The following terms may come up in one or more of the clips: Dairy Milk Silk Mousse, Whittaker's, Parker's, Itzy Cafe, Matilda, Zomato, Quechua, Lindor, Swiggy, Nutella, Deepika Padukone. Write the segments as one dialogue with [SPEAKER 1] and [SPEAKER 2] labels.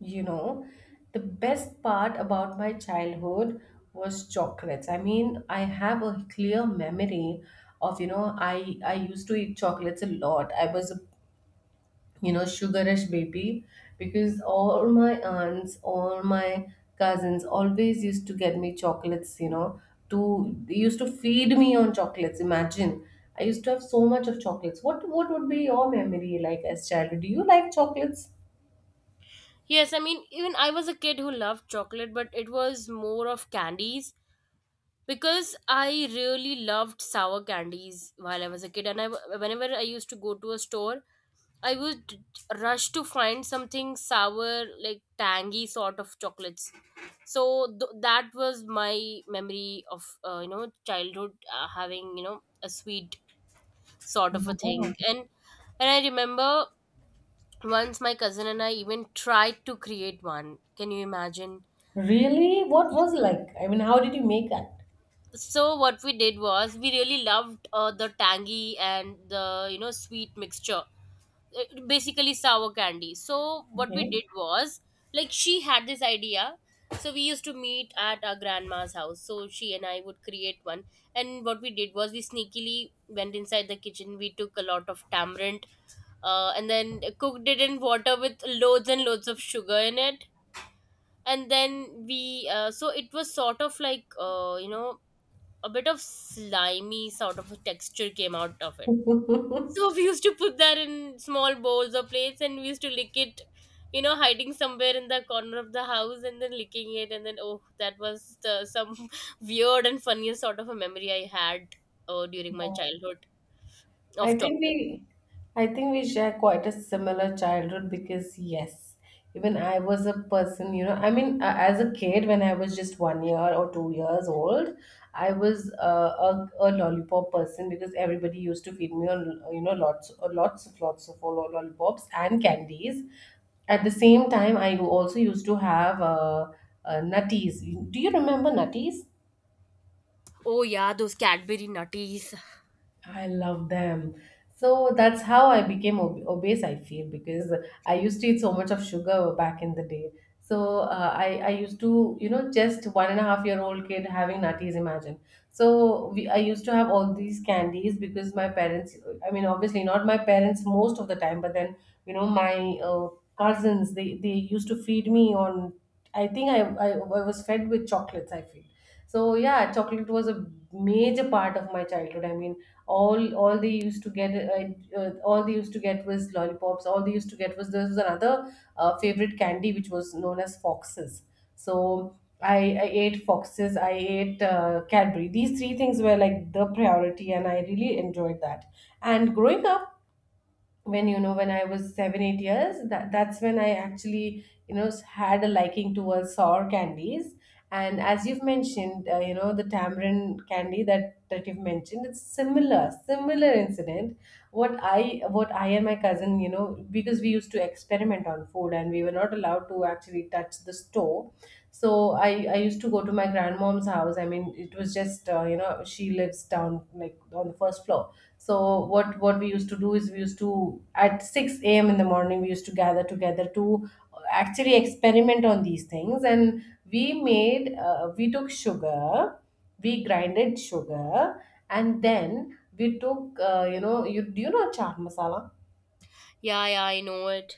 [SPEAKER 1] You know, the best part about my childhood was chocolates. I mean, I have a clear memory of, I used to eat chocolates a lot. I was a, sugarish baby because all my aunts, all my cousins always used to get me chocolates, you know, to they used to feed me on chocolates. Imagine. I used to have so much of chocolates. What would be your memory like as childhood? Do you like chocolates?
[SPEAKER 2] Yes, I mean, even I was a kid who loved chocolate, but it was more of candies because I really loved sour candies while I was a kid. And I whenever I used to go to a store, I would rush to find something sour, like tangy sort of chocolates. So that was my memory of you know childhood having you know a sweet sort of a thing,
[SPEAKER 1] No.
[SPEAKER 2] and I remember once my cousin and I even tried to create one. Can you imagine?
[SPEAKER 1] Really? What was it like? I mean, how did you make that?
[SPEAKER 2] So what we did was we really loved the tangy and the you know sweet mixture. Basically sour candy. So what we
[SPEAKER 1] Okay.
[SPEAKER 2] did was like she had this idea. So we used to meet at our grandma's house. So she and I would create one. And what we did was we sneakily went inside the kitchen. We took a lot of tamarind and then cooked it in water with loads and loads of sugar in it, and then we so it was sort of like you know a bit of slimy sort of a texture came out of it, so we used to put that in small bowls or plates and we used to lick it, you know, hiding somewhere in the corner of the house and then licking it. And then oh, that was the, some weird and funniest sort of a memory I had during my childhood of
[SPEAKER 1] I think
[SPEAKER 2] chocolate.
[SPEAKER 1] we I think we share quite a similar childhood because yes, even I was a person, you know, I mean, as a kid when I was just 1 year or 2 years old, I was a lollipop person because everybody used to feed me on, you know, lots of lollipops and candies. At the same time, I also used to have nutties. Do you remember nutties?
[SPEAKER 2] Oh yeah, those Cadbury nutties.
[SPEAKER 1] I love them. So that's how I became obese, I feel, because I used to eat so much of sugar back in the day. So I used to, you know, just one and a half year old kid having nutties, imagine. I used to have all these candies because my parents, I mean, obviously not my parents most of the time, but then, you know, my cousins, they used to feed me on, I was fed with chocolates, I feel. So yeah, chocolate was a major part of my childhood. I mean, all they used to get all they used to get was lollipops all they used to get was there was another favorite candy which was known as foxes. So I ate foxes. I ate cadbury. These three things were like the priority and I really enjoyed that. And growing up when when I was 7 8 years, that's when I actually, you know, had a liking towards sour candies. And as you've mentioned, you know, the tamarind candy that you've mentioned, it's similar incident. What I and my cousin, you know, because we used to experiment on food and we were not allowed to actually touch the store. So I used to go to my grandmom's house. I mean, it was just you know, she lives down like on the first floor. So what we used to do is we used to at 6 a.m. in the morning we used to gather together to actually experiment on these things, and we made we took sugar, we grinded sugar, and then we took, you know, you know chaat masala?
[SPEAKER 2] Yeah, yeah, I know it.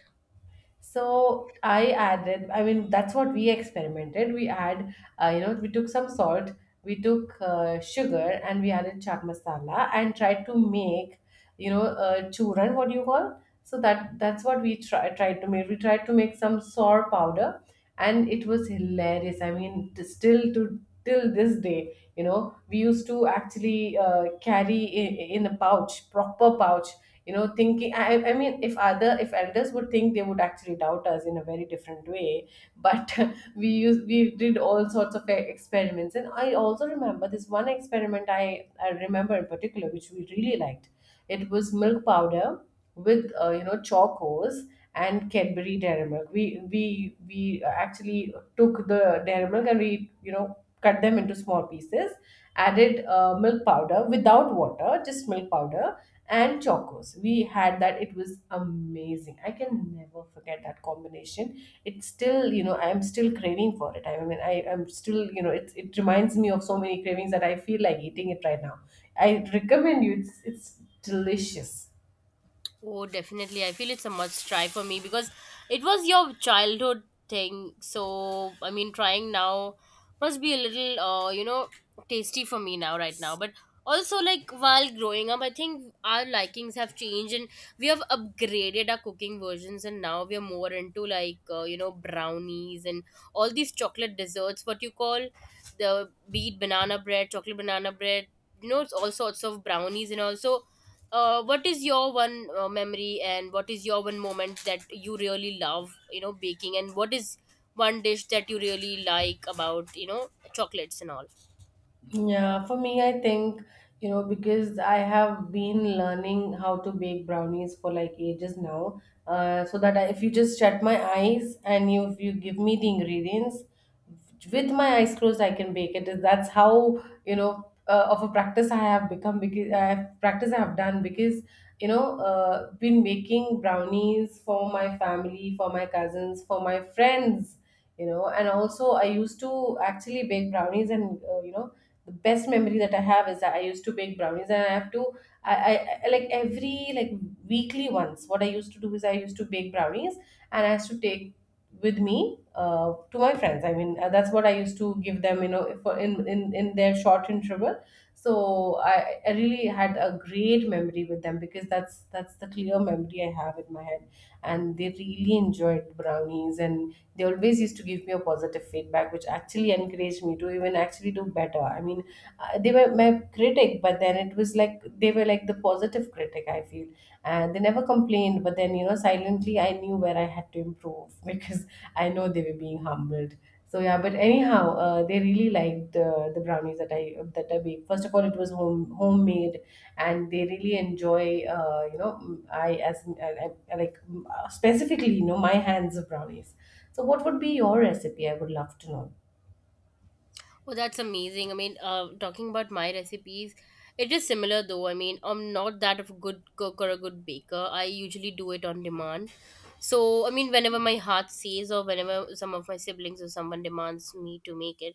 [SPEAKER 1] So I added, I mean, that's what we experimented. You know, we took some salt, we took sugar, and we added chaat masala and tried to make, you know, churran, what do you call? So that's what we tried to make. We tried to make some sour powder, and it was hilarious. I mean, still to till this day, you know, we used to actually, carry in a pouch, proper pouch, you know, thinking I mean if other if elders would think they would actually doubt us in a very different way, but we did all sorts of experiments. And I also remember this one experiment. I remember in particular which we really liked. It was milk powder with, you know, chocos and cadbury dairy milk. We we actually took the dairy milk, and we, you know, cut them into small pieces, added milk powder without water, just milk powder and chocos. We had that. It was amazing. I can never forget that combination. It's still, you know, I'm still craving for it. I mean, I'm still, you know, it reminds me of so many cravings that I feel like eating it right now. I recommend you. It's delicious.
[SPEAKER 2] Oh, definitely. I feel it's a must try for me because it was your childhood thing. So, I mean, trying now must be a little, you know, tasty for me now, right now. But also, like, while growing up, I think our likings have changed and we have upgraded our cooking versions. And now we are more into, like, you know, brownies and all these chocolate desserts, what you call the beet banana bread, chocolate banana bread, you know, it's all sorts of brownies. And also what is your one memory and what is your one moment that you really love you know baking, and what is one dish that you really like about you know chocolates and all?
[SPEAKER 1] Yeah, for me, I think, you know, because I have been learning how to bake brownies for like ages now. So if you just shut my eyes and you, if you give me the ingredients with my eyes closed, I can bake it. That's how, you know, of a practice I have become because I have practice I have done because, you know, been making brownies for my family, for my cousins, for my friends, you know, and also I used to actually bake brownies and, you know, the best memory that I have is that I used to bake brownies and I have to I like every like weekly once what I used to do is I used to bake brownies, and I used to take with me to my friends. I mean, that's what I used to give them, you know, for in their short interval. So I really had a great memory with them because that's the clear memory I have in my head, and they really enjoyed brownies. And they always used to give me a positive feedback which actually encouraged me to even actually do better. I mean, they were my critic, but then it was like they were like the positive critic, I feel. And they never complained, but then, you know, silently I knew where I had to improve because I know they were being humbled. So yeah, but anyhow, they really liked the brownies that I baked. First of all, it was homemade, and they really enjoy. You know, m- I as I, like m- specifically, you know, my hands of brownies. So, what would be your recipe? I would love to know.
[SPEAKER 2] Oh, that's amazing. I mean, talking about my recipes, it is similar though. I mean, I'm not that of a good cook or a good baker. I usually do it on demand. So, I mean, whenever my heart says, or whenever some of my siblings or someone demands me to make it.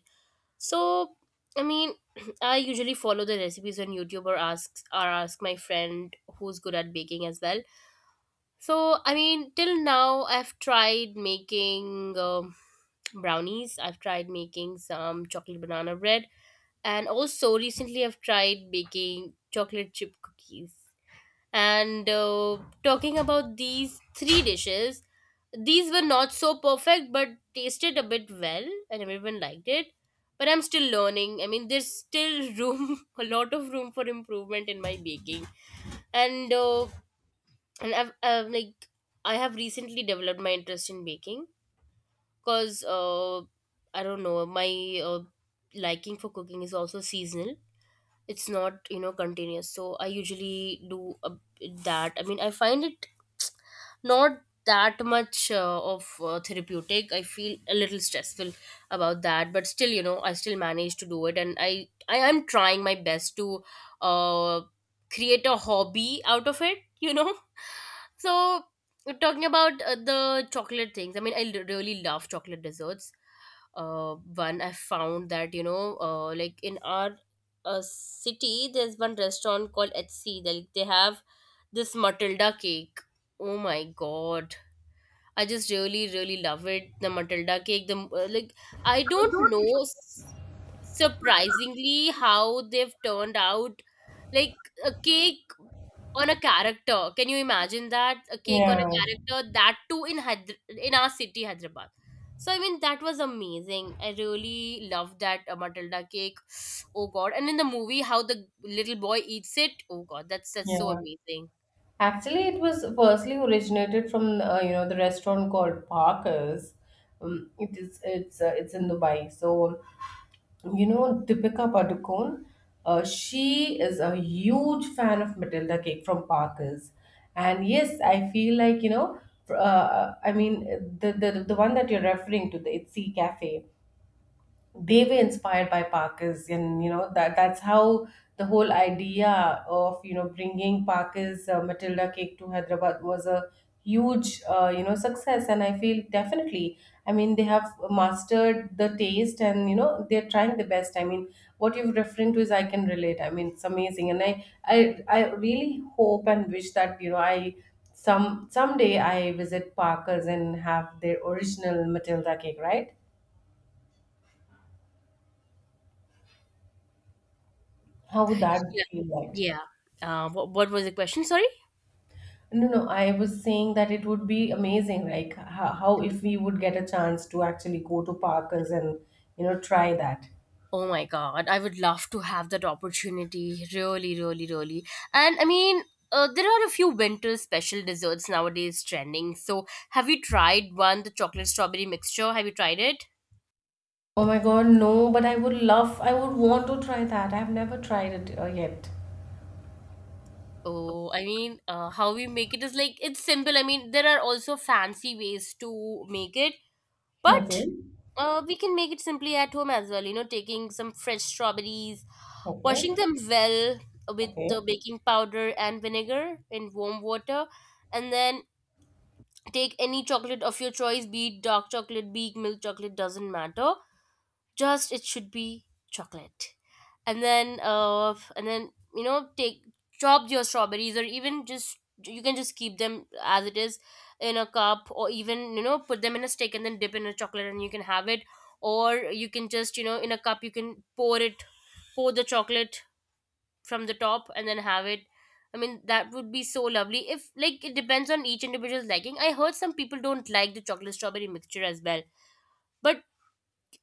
[SPEAKER 2] So, I mean, I usually follow the recipes on YouTube or ask my friend who's good at baking as well. So, I mean, till now I've tried, and also, recently I've tried baking chocolate chip cookies. And talking about these three dishes, these were not so perfect but tasted a bit well, and everyone liked it. But I'm still learning. I mean, there's still room, a lot of room for improvement in my baking. And uh, and I've like I have recently developed my interest in baking because I don't know my liking for cooking is also seasonal, it's not you know continuous. So I usually do a, that I mean I find it not that much of therapeutic. I feel a little stressful about that, but still you know I still manage to do it, and I am trying my best to uh, create a hobby out of it, you know. So talking about the chocolate things, I mean I really love chocolate desserts. One I found that you know like in our city there's one restaurant called HC. They have this Matilda cake. Oh my god. I just really, really love it. The Matilda cake, the like I don't know surprisingly how they've turned out like a cake on a character. Can you imagine that? A cake on a
[SPEAKER 1] Yeah,
[SPEAKER 2] character, that too in in our city Hyderabad. So I mean that was amazing. I really love that Matilda cake. Oh god. And in the movie how the little boy eats it. Oh god, that's so
[SPEAKER 1] yeah.
[SPEAKER 2] amazing.
[SPEAKER 1] Actually, it was firstly originated from, you know, the restaurant called Parker's. It's it's in Dubai. So you know Deepika Padukone, she is a huge fan of Matilda cake from Parker's, and yes, I feel like you know. I mean, the one that you're referring to, the Itzy Cafe, they were inspired by Parkers, and you know that's how the whole idea of, you know, bringing Parkers Matilda cake to Hyderabad was a huge, you know, success. And I feel definitely, I mean, they have mastered the taste, and you know they're trying the best. I mean, what you are referring to is I can relate. I mean, it's amazing, and I really hope and wish that you know I. Someday I visit Parkers and have their original Matilda cake, right? How would that feel like?
[SPEAKER 2] Yeah. What was the question? Sorry.
[SPEAKER 1] No, No, I was saying that it would be amazing, like how if we would get a chance to actually go to Parkers and, you know, try that.
[SPEAKER 2] Oh my God, I would love to have that opportunity. Really, really, really. And I mean, there are a few winter special desserts nowadays trending. So, have you tried one, the chocolate strawberry mixture? Have you tried it?
[SPEAKER 1] Oh my God, no, but I would love, I would want to try that. I've never tried it yet.
[SPEAKER 2] Oh, I mean, how we make it is like it's simple. I mean, there are also fancy ways to make it,
[SPEAKER 1] Okay,
[SPEAKER 2] but we can make it simply at home as well. You know, taking some fresh strawberries,
[SPEAKER 1] okay,
[SPEAKER 2] washing them well with
[SPEAKER 1] okay.
[SPEAKER 2] baking powder and vinegar in warm water, and then take any chocolate of your choice, be it dark chocolate, be it milk chocolate, doesn't matter. Just it should be chocolate. And then, and then you know, take chop your strawberries, or even just you can just keep them as it is in a cup, or even you know, put them in a stick and then dip in a chocolate, and you can have it. Or you can just you know, in a cup, you can pour it, pour the chocolate from the top and then have it. I mean that would be so lovely. If like it depends on each individual's liking, I heard some people don't like the chocolate strawberry mixture as well. But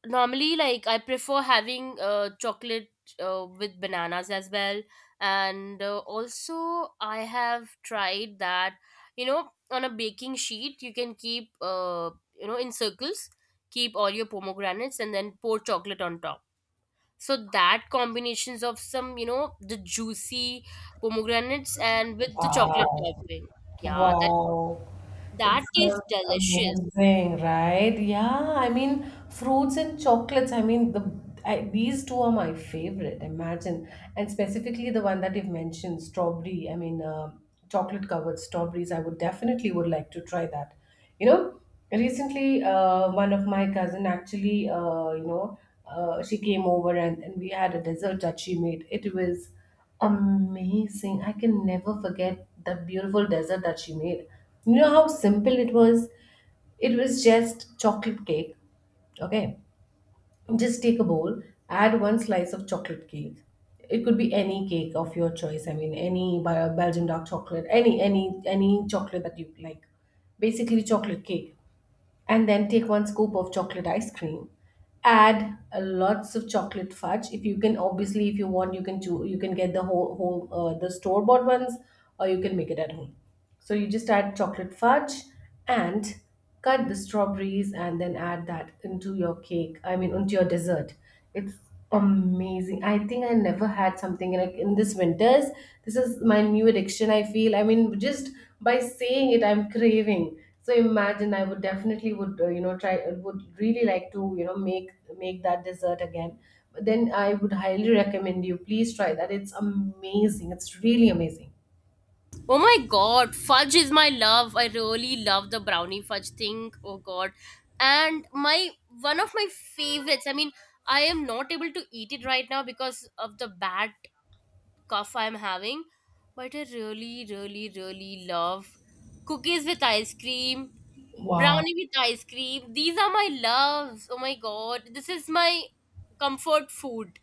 [SPEAKER 2] normally like I prefer having chocolate with bananas as well. And also I have tried that, you know, on a baking sheet you can keep you know in circles, keep all your pomegranates and then pour chocolate on top. So that combinations of some you know the juicy pomegranates and with the chocolate
[SPEAKER 1] Wow,
[SPEAKER 2] topping, yeah,
[SPEAKER 1] wow. It
[SPEAKER 2] that tastes
[SPEAKER 1] sounds
[SPEAKER 2] delicious.
[SPEAKER 1] amazing, right? Yeah, I mean, fruits and chocolates. I mean, the I, these two are my favorite. Imagine, and specifically the one that you've mentioned, strawberry. I mean, chocolate covered strawberries. I would definitely would like to try that. You know, recently, one of my cousin actually, she came over and we had a dessert that she made. It was amazing. I can never forget that beautiful dessert that she made. You know how simple it was? It was just chocolate cake. Okay. Just take a bowl, add one slice of chocolate cake. It could be any cake of your choice. I mean, any Belgian dark chocolate, any chocolate that you like. Basically, chocolate cake, and then take one scoop of chocolate ice cream. Add, lots of chocolate fudge if you can. Obviously, if you want, you can you can get the whole the store bought ones, or you can make it at home. So you just add chocolate fudge and cut the strawberries, and then add that into your cake. I mean, into your dessert. It's amazing. I think I never had something like in this winters. This is my new addiction, I feel. I mean, just by saying it, I'm craving. So imagine, I would definitely would, you know, try. Would really like to, you know, make make that dessert again. But then I would highly recommend you please try that. It's amazing. It's really amazing.
[SPEAKER 2] Oh my god, fudge is my love. I really love the brownie fudge thing. Oh god. And my One of my favorites, I mean, I am not able to eat it right now because of the bad cough I'm having. But I really, really, really love cookies with ice cream,
[SPEAKER 1] Wow.
[SPEAKER 2] brownie with ice cream. These are my loves. Oh my god. This is my comfort food.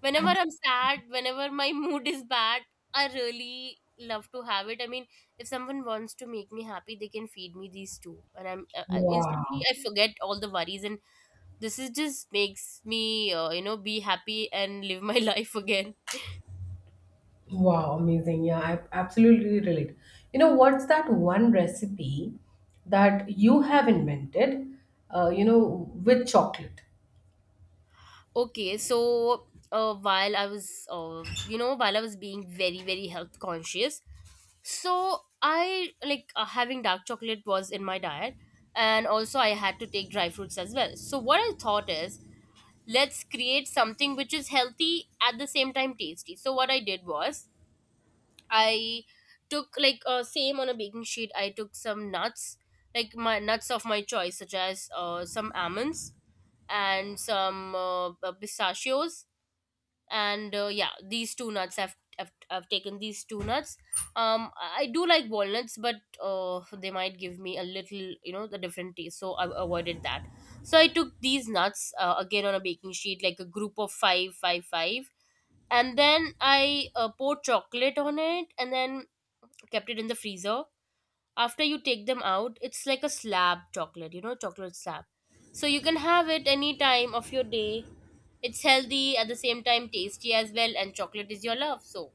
[SPEAKER 2] Whenever
[SPEAKER 1] Abs-
[SPEAKER 2] I'm sad, whenever my mood is bad, I really love to have it. I mean, if someone wants to make me happy, they can feed me these two. And instantly,
[SPEAKER 1] wow.
[SPEAKER 2] I forget all the worries, and this is just makes me you know be happy and live my life again.
[SPEAKER 1] Wow, amazing. Yeah, I absolutely relate. You know what's that one recipe that you have invented, you know, with chocolate?
[SPEAKER 2] Okay, so while I was, you know, while I was being very, very health conscious, so I like having dark chocolate was in my diet, and also I had to take dry fruits as well. So what I thought is, let's create something which is healthy at the same time tasty. So what I did was, I took like same on a baking sheet. I took some nuts, like my nuts of my choice, such as some almonds and some pistachios, and yeah these two nuts I've taken these two nuts. Um, I do like walnuts, but they might give me a little you know the different taste, so I avoided that. So I took these nuts again on a baking sheet like a group of five, five, five, and then I poured chocolate on it, and then kept it in the freezer. After you take them out, it's like a slab chocolate, you know, chocolate slab. So you can have it any time of your day. It's healthy at the same time tasty as well, and chocolate is your love. So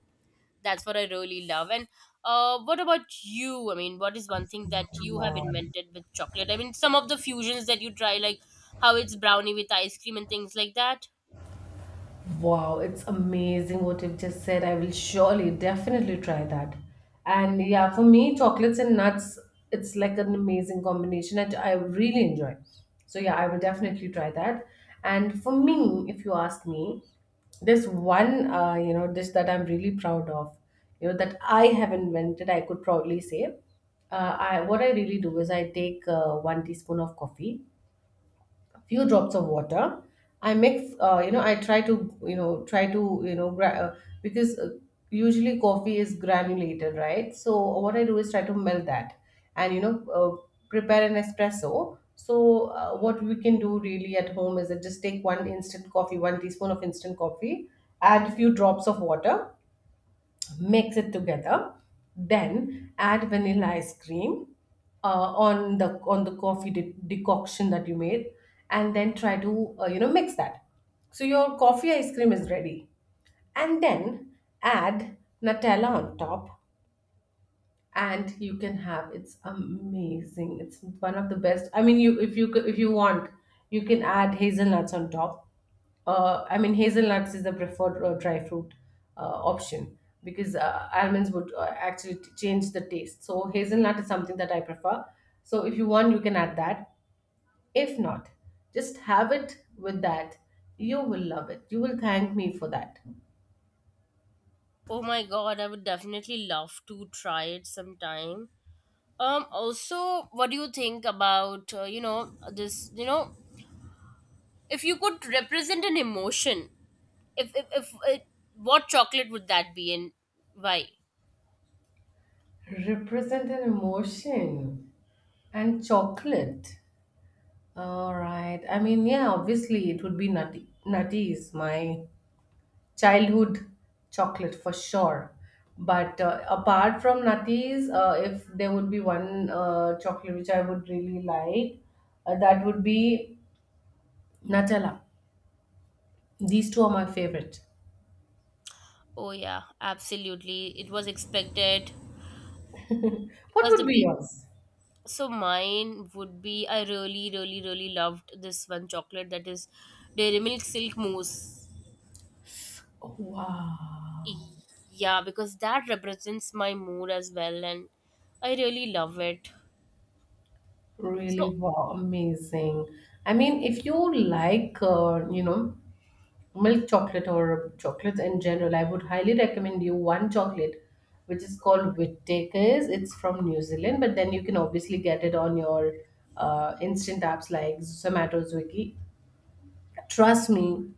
[SPEAKER 2] that's what I really love. And what about you? I mean, what is one thing that you have
[SPEAKER 1] Wow.
[SPEAKER 2] invented with chocolate? I mean, some of the fusions that you try, like how it's brownie with ice cream and things like that.
[SPEAKER 1] Wow, it's amazing what you've just said. I will surely, definitely try that. And yeah, for me, chocolates and nuts, it's like an amazing combination that I really enjoy. So yeah, I will definitely try that. And for me, if you ask me, there's one dish that I'm really proud of, you know that I have invented. I could proudly say, I what I really do is I take one teaspoon of coffee, a few drops of water. I mix, I try to, try to, because usually coffee is granulated, right? So what I do is try to melt that and, prepare an espresso. So what we can do really at home is that just take one instant coffee, one teaspoon of instant coffee, add a few drops of water, mix it together, then add vanilla ice cream on the coffee decoction that you made, and then try to mix that, so your coffee ice cream is ready. And then add nutella on top, and you can have, it's amazing, it's one of the best, I mean, you, if you if you want, you can add hazelnuts on top. I mean, hazelnuts is the preferred dry fruit uh, option, because almonds would actually change the taste, so hazelnut is something that I prefer. So if you want, you can add that. If not, just have it with that. You will love it. You will thank me for that.
[SPEAKER 2] Oh my god, I would definitely love to try it sometime. Also, what do you think about, you know, this, you know, if you could represent an emotion, if it, what chocolate would that be and why?
[SPEAKER 1] Represent an emotion and chocolate. All right. I mean, yeah, obviously it would be nutty. Nutties, my childhood chocolate for sure. But apart from nutties, if there would be one chocolate which I would really like, that would be Nutella. These two are my favorite.
[SPEAKER 2] Oh, yeah, absolutely. It was expected
[SPEAKER 1] What
[SPEAKER 2] because
[SPEAKER 1] would be yours?
[SPEAKER 2] so mine would be, I really, really, really loved this one chocolate that is Dairy Milk Silk Mousse.
[SPEAKER 1] Wow.
[SPEAKER 2] Y- Yeah, because that represents my mood as well, and I really love it.
[SPEAKER 1] Really,
[SPEAKER 2] So
[SPEAKER 1] wow, amazing. I mean, if you like, milk chocolate or chocolates in general, I would highly recommend you one chocolate which is called Whittaker's. It's from New Zealand, but then you can obviously get it on your instant apps like Zomato, Swiggy. Trust me,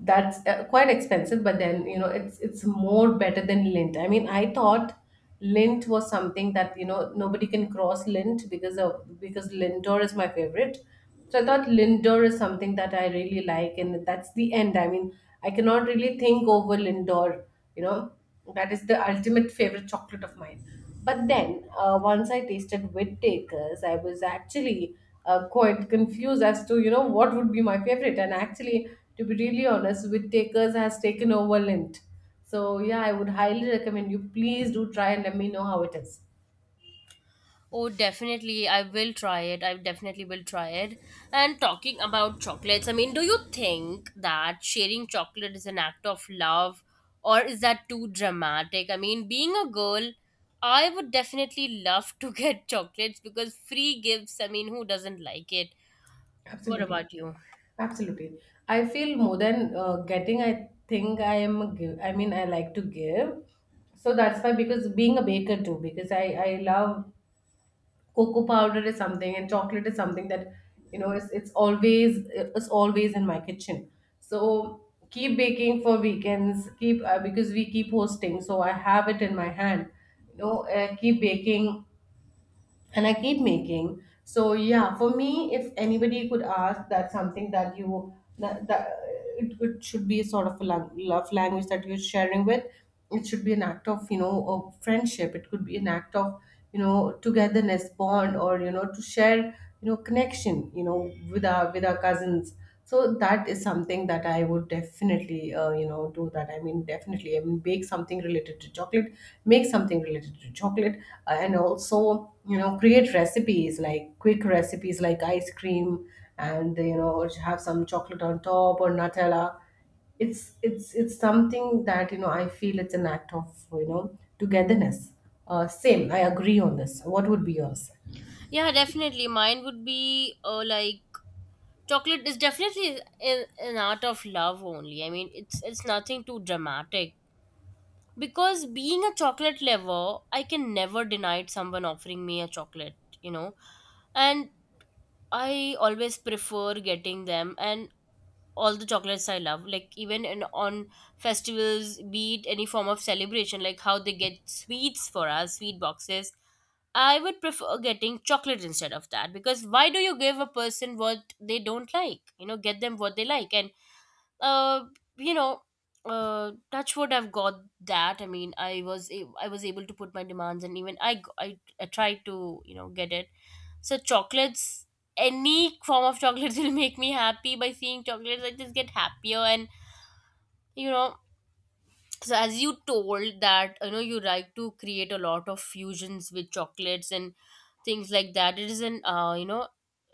[SPEAKER 1] that's quite expensive, but then you know it's more better than lint. I mean, I thought lint was something that, you know, nobody can cross lint because of, because lindor is my favorite, so I thought lindor is something that I really like, and that's the end. I mean, I cannot really think over lindor, you know. That is the ultimate favorite chocolate of mine. But then, once I tasted Whittaker's, I was actually quite confused as to, you know, what would be my favorite. And actually, to be really honest, Whittaker's has taken over Lint. So, yeah, I would highly recommend you. Please do try and let me know how it is.
[SPEAKER 2] oh, definitely. I will try it. I definitely will try it. And talking about chocolates, I mean, do you think that sharing chocolate is an act of love, or is that too dramatic? I mean, being a girl, I would definitely love to get chocolates because free gifts, I mean, who doesn't like it? What
[SPEAKER 1] Absolutely.
[SPEAKER 2] about you?
[SPEAKER 1] Absolutely. I feel more than getting, I think I am, a give, I mean, I like to give. So that's why, because being a baker too, because I love cocoa powder is something, and chocolate is something that, you know, it's always in my kitchen. So keep baking for weekends, keep because we keep hosting, so I have it in my hand, you know, keep baking, and I keep making. So yeah, for me, if anybody could ask, that's something that you, that, that it should be sort of a love language that you're sharing with. It should be an act, of you know, of friendship. It could be an act of, you know, togetherness, bond, or, you know, to share, you know, connection. You know, with our, with our cousins. So that is something that I would definitely, do that. I mean, definitely, I mean, bake something related to chocolate, make something related to chocolate, and also, you know, create recipes, like quick recipes like ice cream, and, you know, or have some chocolate on top or nutella. It's something that, you know, I feel it's an act of, you know, togetherness. Same, I agree on this. What would be yours?
[SPEAKER 2] Yeah, definitely. Mine would be like chocolate is definitely an art of love only. I mean, it's nothing too dramatic because being a chocolate lover I can never deny someone offering me a chocolate, you know and I always prefer getting them, and all the chocolates I love, like even on festivals, be it any form of celebration, like how they get sweets for us, sweet boxes. I would prefer getting chocolate instead of that, because why do you give a person what they don't like? You know, get them what they like. And uh you know touch wood, I've got that. I mean, I was able to put my demands, and even I tried to, you know, get it. So chocolates, any form of chocolates will make me happy. By seeing chocolates I just get happier. And you know so as you told that, you know, you like to create a lot of fusions with chocolates and things like that, it is an uh you know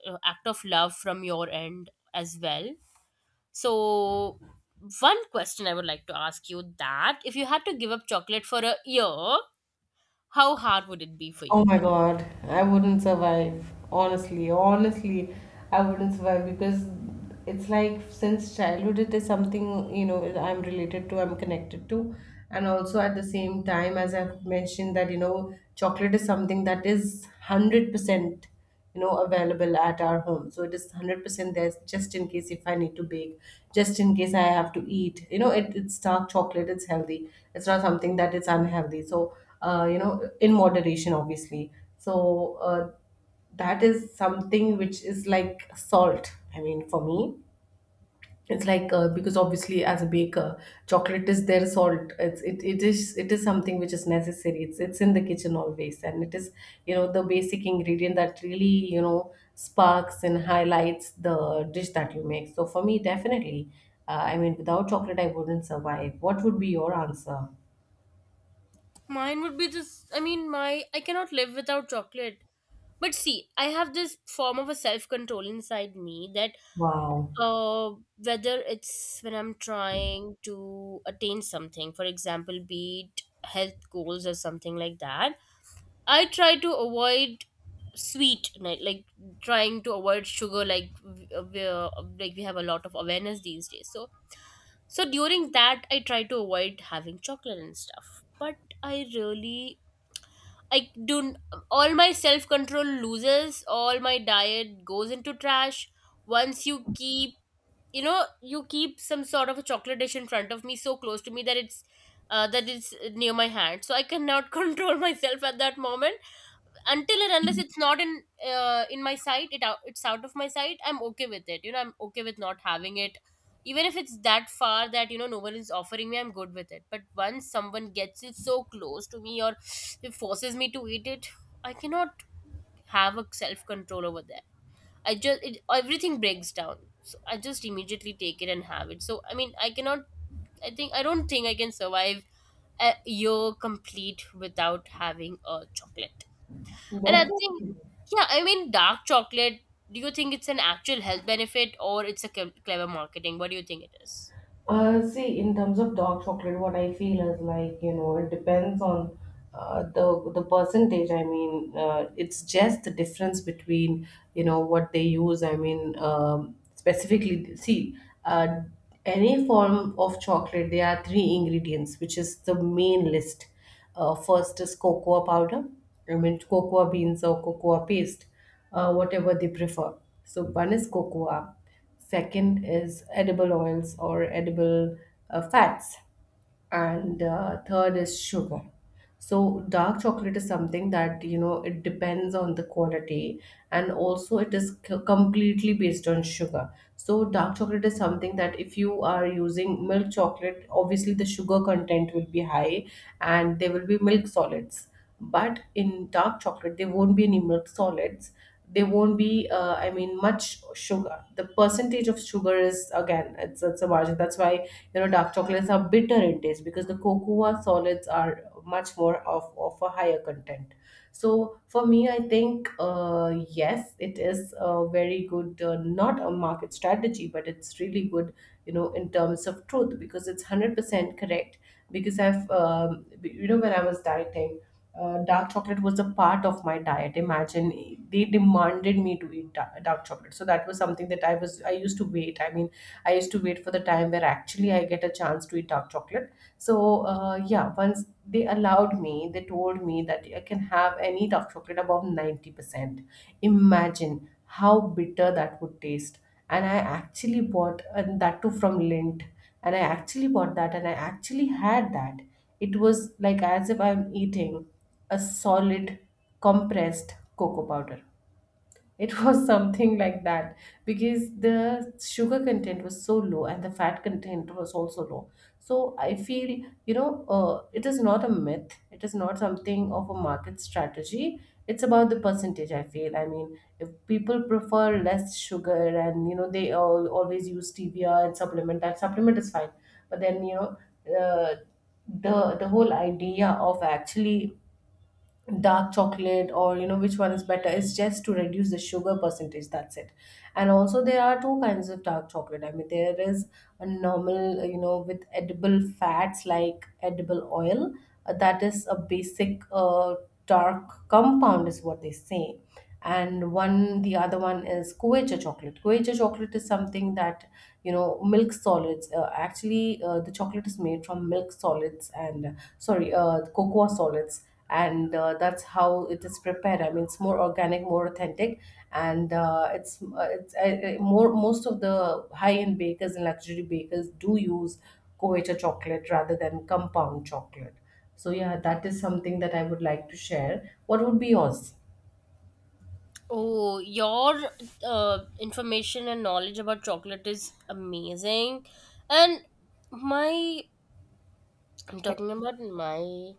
[SPEAKER 2] uh, act of love from your end as well. So, one question I would like to ask you: that if you had to give up chocolate for a year, how hard would it be for
[SPEAKER 1] Oh
[SPEAKER 2] you?
[SPEAKER 1] my God, I wouldn't survive. Honestly, honestly, I wouldn't survive, because it's like since childhood, it is something, you know, I'm related to, I'm connected to. And also at the same time, as I've mentioned, that, you know, chocolate is something that is 100% you know available at our home, so it is 100% there. Just in case if I need to bake, just in case I have to eat, you know, it's dark chocolate, it's healthy, it's not something that is unhealthy. So you know, in moderation, obviously. So that is something which is like salt, I mean, for me. It's like because obviously, as a baker, chocolate is their salt. It is, it is something which is necessary. It's in the kitchen always, and it is, you know, the basic ingredient that really, you know, sparks and highlights the dish that you make. So for me, definitely, I mean, without chocolate, I wouldn't survive. What would be your answer?
[SPEAKER 2] Mine would be this. I mean, my, I cannot live without chocolate. But see, I have this form of a self control inside me that
[SPEAKER 1] Wow,
[SPEAKER 2] Uh, whether it's, when I'm trying to attain something, for example, be it health goals or something like that, I try to avoid sweet, like trying to avoid sugar, like like we have a lot of awareness these days. So so during that I try to avoid having chocolate and stuff. But I really, I do, all my self control loses, all my diet goes into trash once you keep, you know, you keep some sort of a chocolate dish in front of me so close to me that it's near my hand, so I cannot control myself at that moment. Until and unless it's not in in my sight, it's out of my sight, I'm okay with it. You know, I'm okay with not having it even if it's that far, that you know no one is offering me, I'm good with it. But once someone gets it so close to me, or it forces me to eat it, I cannot have a self control over that. Everything breaks down. So I just immediately take it and have it. So I mean, I cannot, I don't think I can survive a year complete without having a chocolate. And I think,
[SPEAKER 1] definitely.
[SPEAKER 2] yeah, I mean, dark chocolate, do you think it's an actual health benefit, or it's a clever marketing? What do you think it is?
[SPEAKER 1] See, in terms of dark chocolate, what I feel is like, you know, it depends on the percentage. I mean, it's just the difference between, you know, what they use. I mean, specifically, see, uh, any form of chocolate, there are three ingredients, which is the main list. First is cocoa powder, I mean, cocoa beans or cocoa paste, whatever they prefer. So one is cocoa, second is edible oils or edible fats, and third is sugar. So dark chocolate is something that, you know, it depends on the quality, and also it is completely based on sugar. So dark chocolate is something that if you are using milk chocolate, obviously the sugar content will be high, and there will be milk solids, but in dark chocolate there won't be any milk solids. There won't be I mean, much sugar. The percentage of sugar is, again, it's a margin. That's why, you know, dark chocolates are bitter in taste, because the cocoa solids are much more of a higher content. So for me, I think, yes, it is a very good not a market strategy, but it's really good, you know, in terms of truth, because it's 100% correct. Because I've you know, when I was dieting, dark chocolate was a part of my diet. Imagine, they demanded me to eat dark chocolate, so that was something that I was, I used to wait, I mean, I used to wait for the time where actually I get a chance to eat dark chocolate. So yeah, once they allowed me, they told me that I can have any dark chocolate above 90%. Imagine how bitter that would taste. And I actually bought, and that too from Lint, and I actually bought that, and I actually had that. It was like as if I'm eating a solid compressed cocoa powder. It was something like that, because the sugar content was so low and the fat content was also low. So I feel, you know, it is not a myth. It is not something of a market strategy. It's about the percentage, I feel. I mean, if people prefer less sugar and, you know, they all always use stevia and supplement, that supplement is fine. But then, you know, uh, the whole idea of actually dark chocolate, or, you know, which one is better, it's just to reduce the sugar percentage, that's it. And also, there are two kinds of dark chocolate. I mean, there is a normal, you know, with edible fats like edible oil, that is a basic dark compound is what they say. And one, the other one is Quechua chocolate. Quechua chocolate is something that, you know, milk solids. Actually, the chocolate is made from milk solids and sorry, cocoa solids, and that's how it is prepared. I mean, it's more organic, more authentic, and it's more most of the high end bakers and luxury bakers do use Quechua chocolate rather than compound chocolate. So yeah, that is something that I would like to share. What would be yours?
[SPEAKER 2] Oh, your information and knowledge about chocolate is amazing. And my, I'm talking about my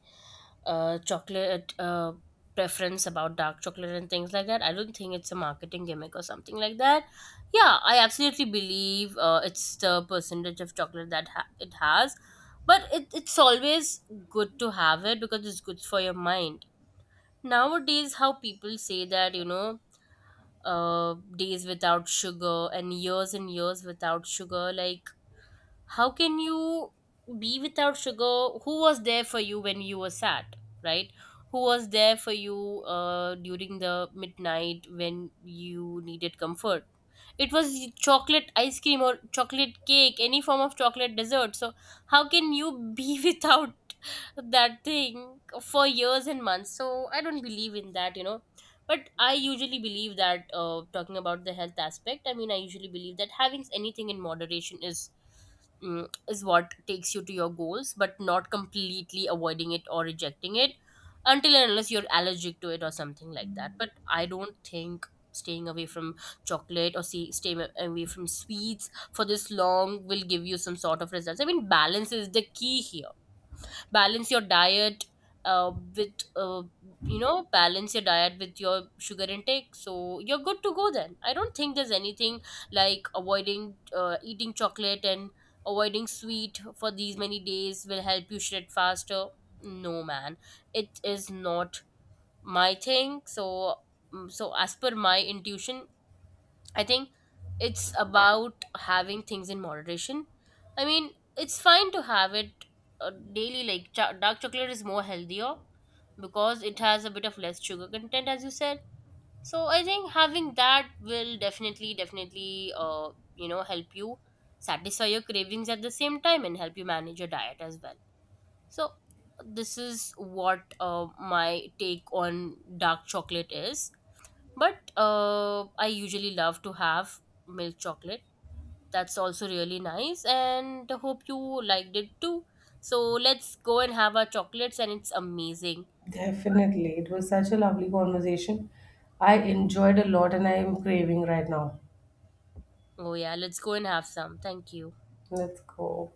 [SPEAKER 2] chocolate preference about dark chocolate and things like that. I don't think it's a marketing gimmick or something like that. Yeah, I absolutely believe it's the percentage of chocolate that it has, but it's always good to have it because it's good for your mind. Nowadays, how people say that, you know, days without sugar and years without sugar, like how can you be without sugar? Who was there for you when you were sad? Right? Who was there for you during the midnight when you needed comfort? It was chocolate ice cream or chocolate cake, any form of chocolate dessert. So how can you be without that thing for years and months? So I don't believe in that, you know. But I usually believe that, talking about the health aspect, I mean, I usually believe that having anything in moderation is, is what takes you to your goals, but not completely avoiding it or rejecting it, until and unless you're allergic to it or something like that. But I don't think staying away from chocolate, or see, staying away from sweets for this long will give you some sort of results. I mean, balance is the key here. Balance your diet with you know, balance your diet with your sugar intake, so you're good to go. Then I don't think there's anything like avoiding eating chocolate and avoiding sweet for these many days will help you shred faster. No man, it is not my thing. So, so as per my intuition, I think it's about having things in moderation. I mean, it's fine to have it daily. Like dark chocolate is more healthier because it has a bit of less sugar content, as you said. So I think having that will definitely, definitely, you know, help you satisfy your cravings at the same time and help you manage your diet as well. So this is what my take on dark chocolate is. But I usually love to have milk chocolate. That's also really nice, and hope you liked it too. So let's go and have our chocolates, and it's amazing.
[SPEAKER 1] Definitely. It was such a lovely conversation. I enjoyed a lot and I am craving right now.
[SPEAKER 2] Oh, yeah, let's go and have some. Thank you.
[SPEAKER 1] Let's go.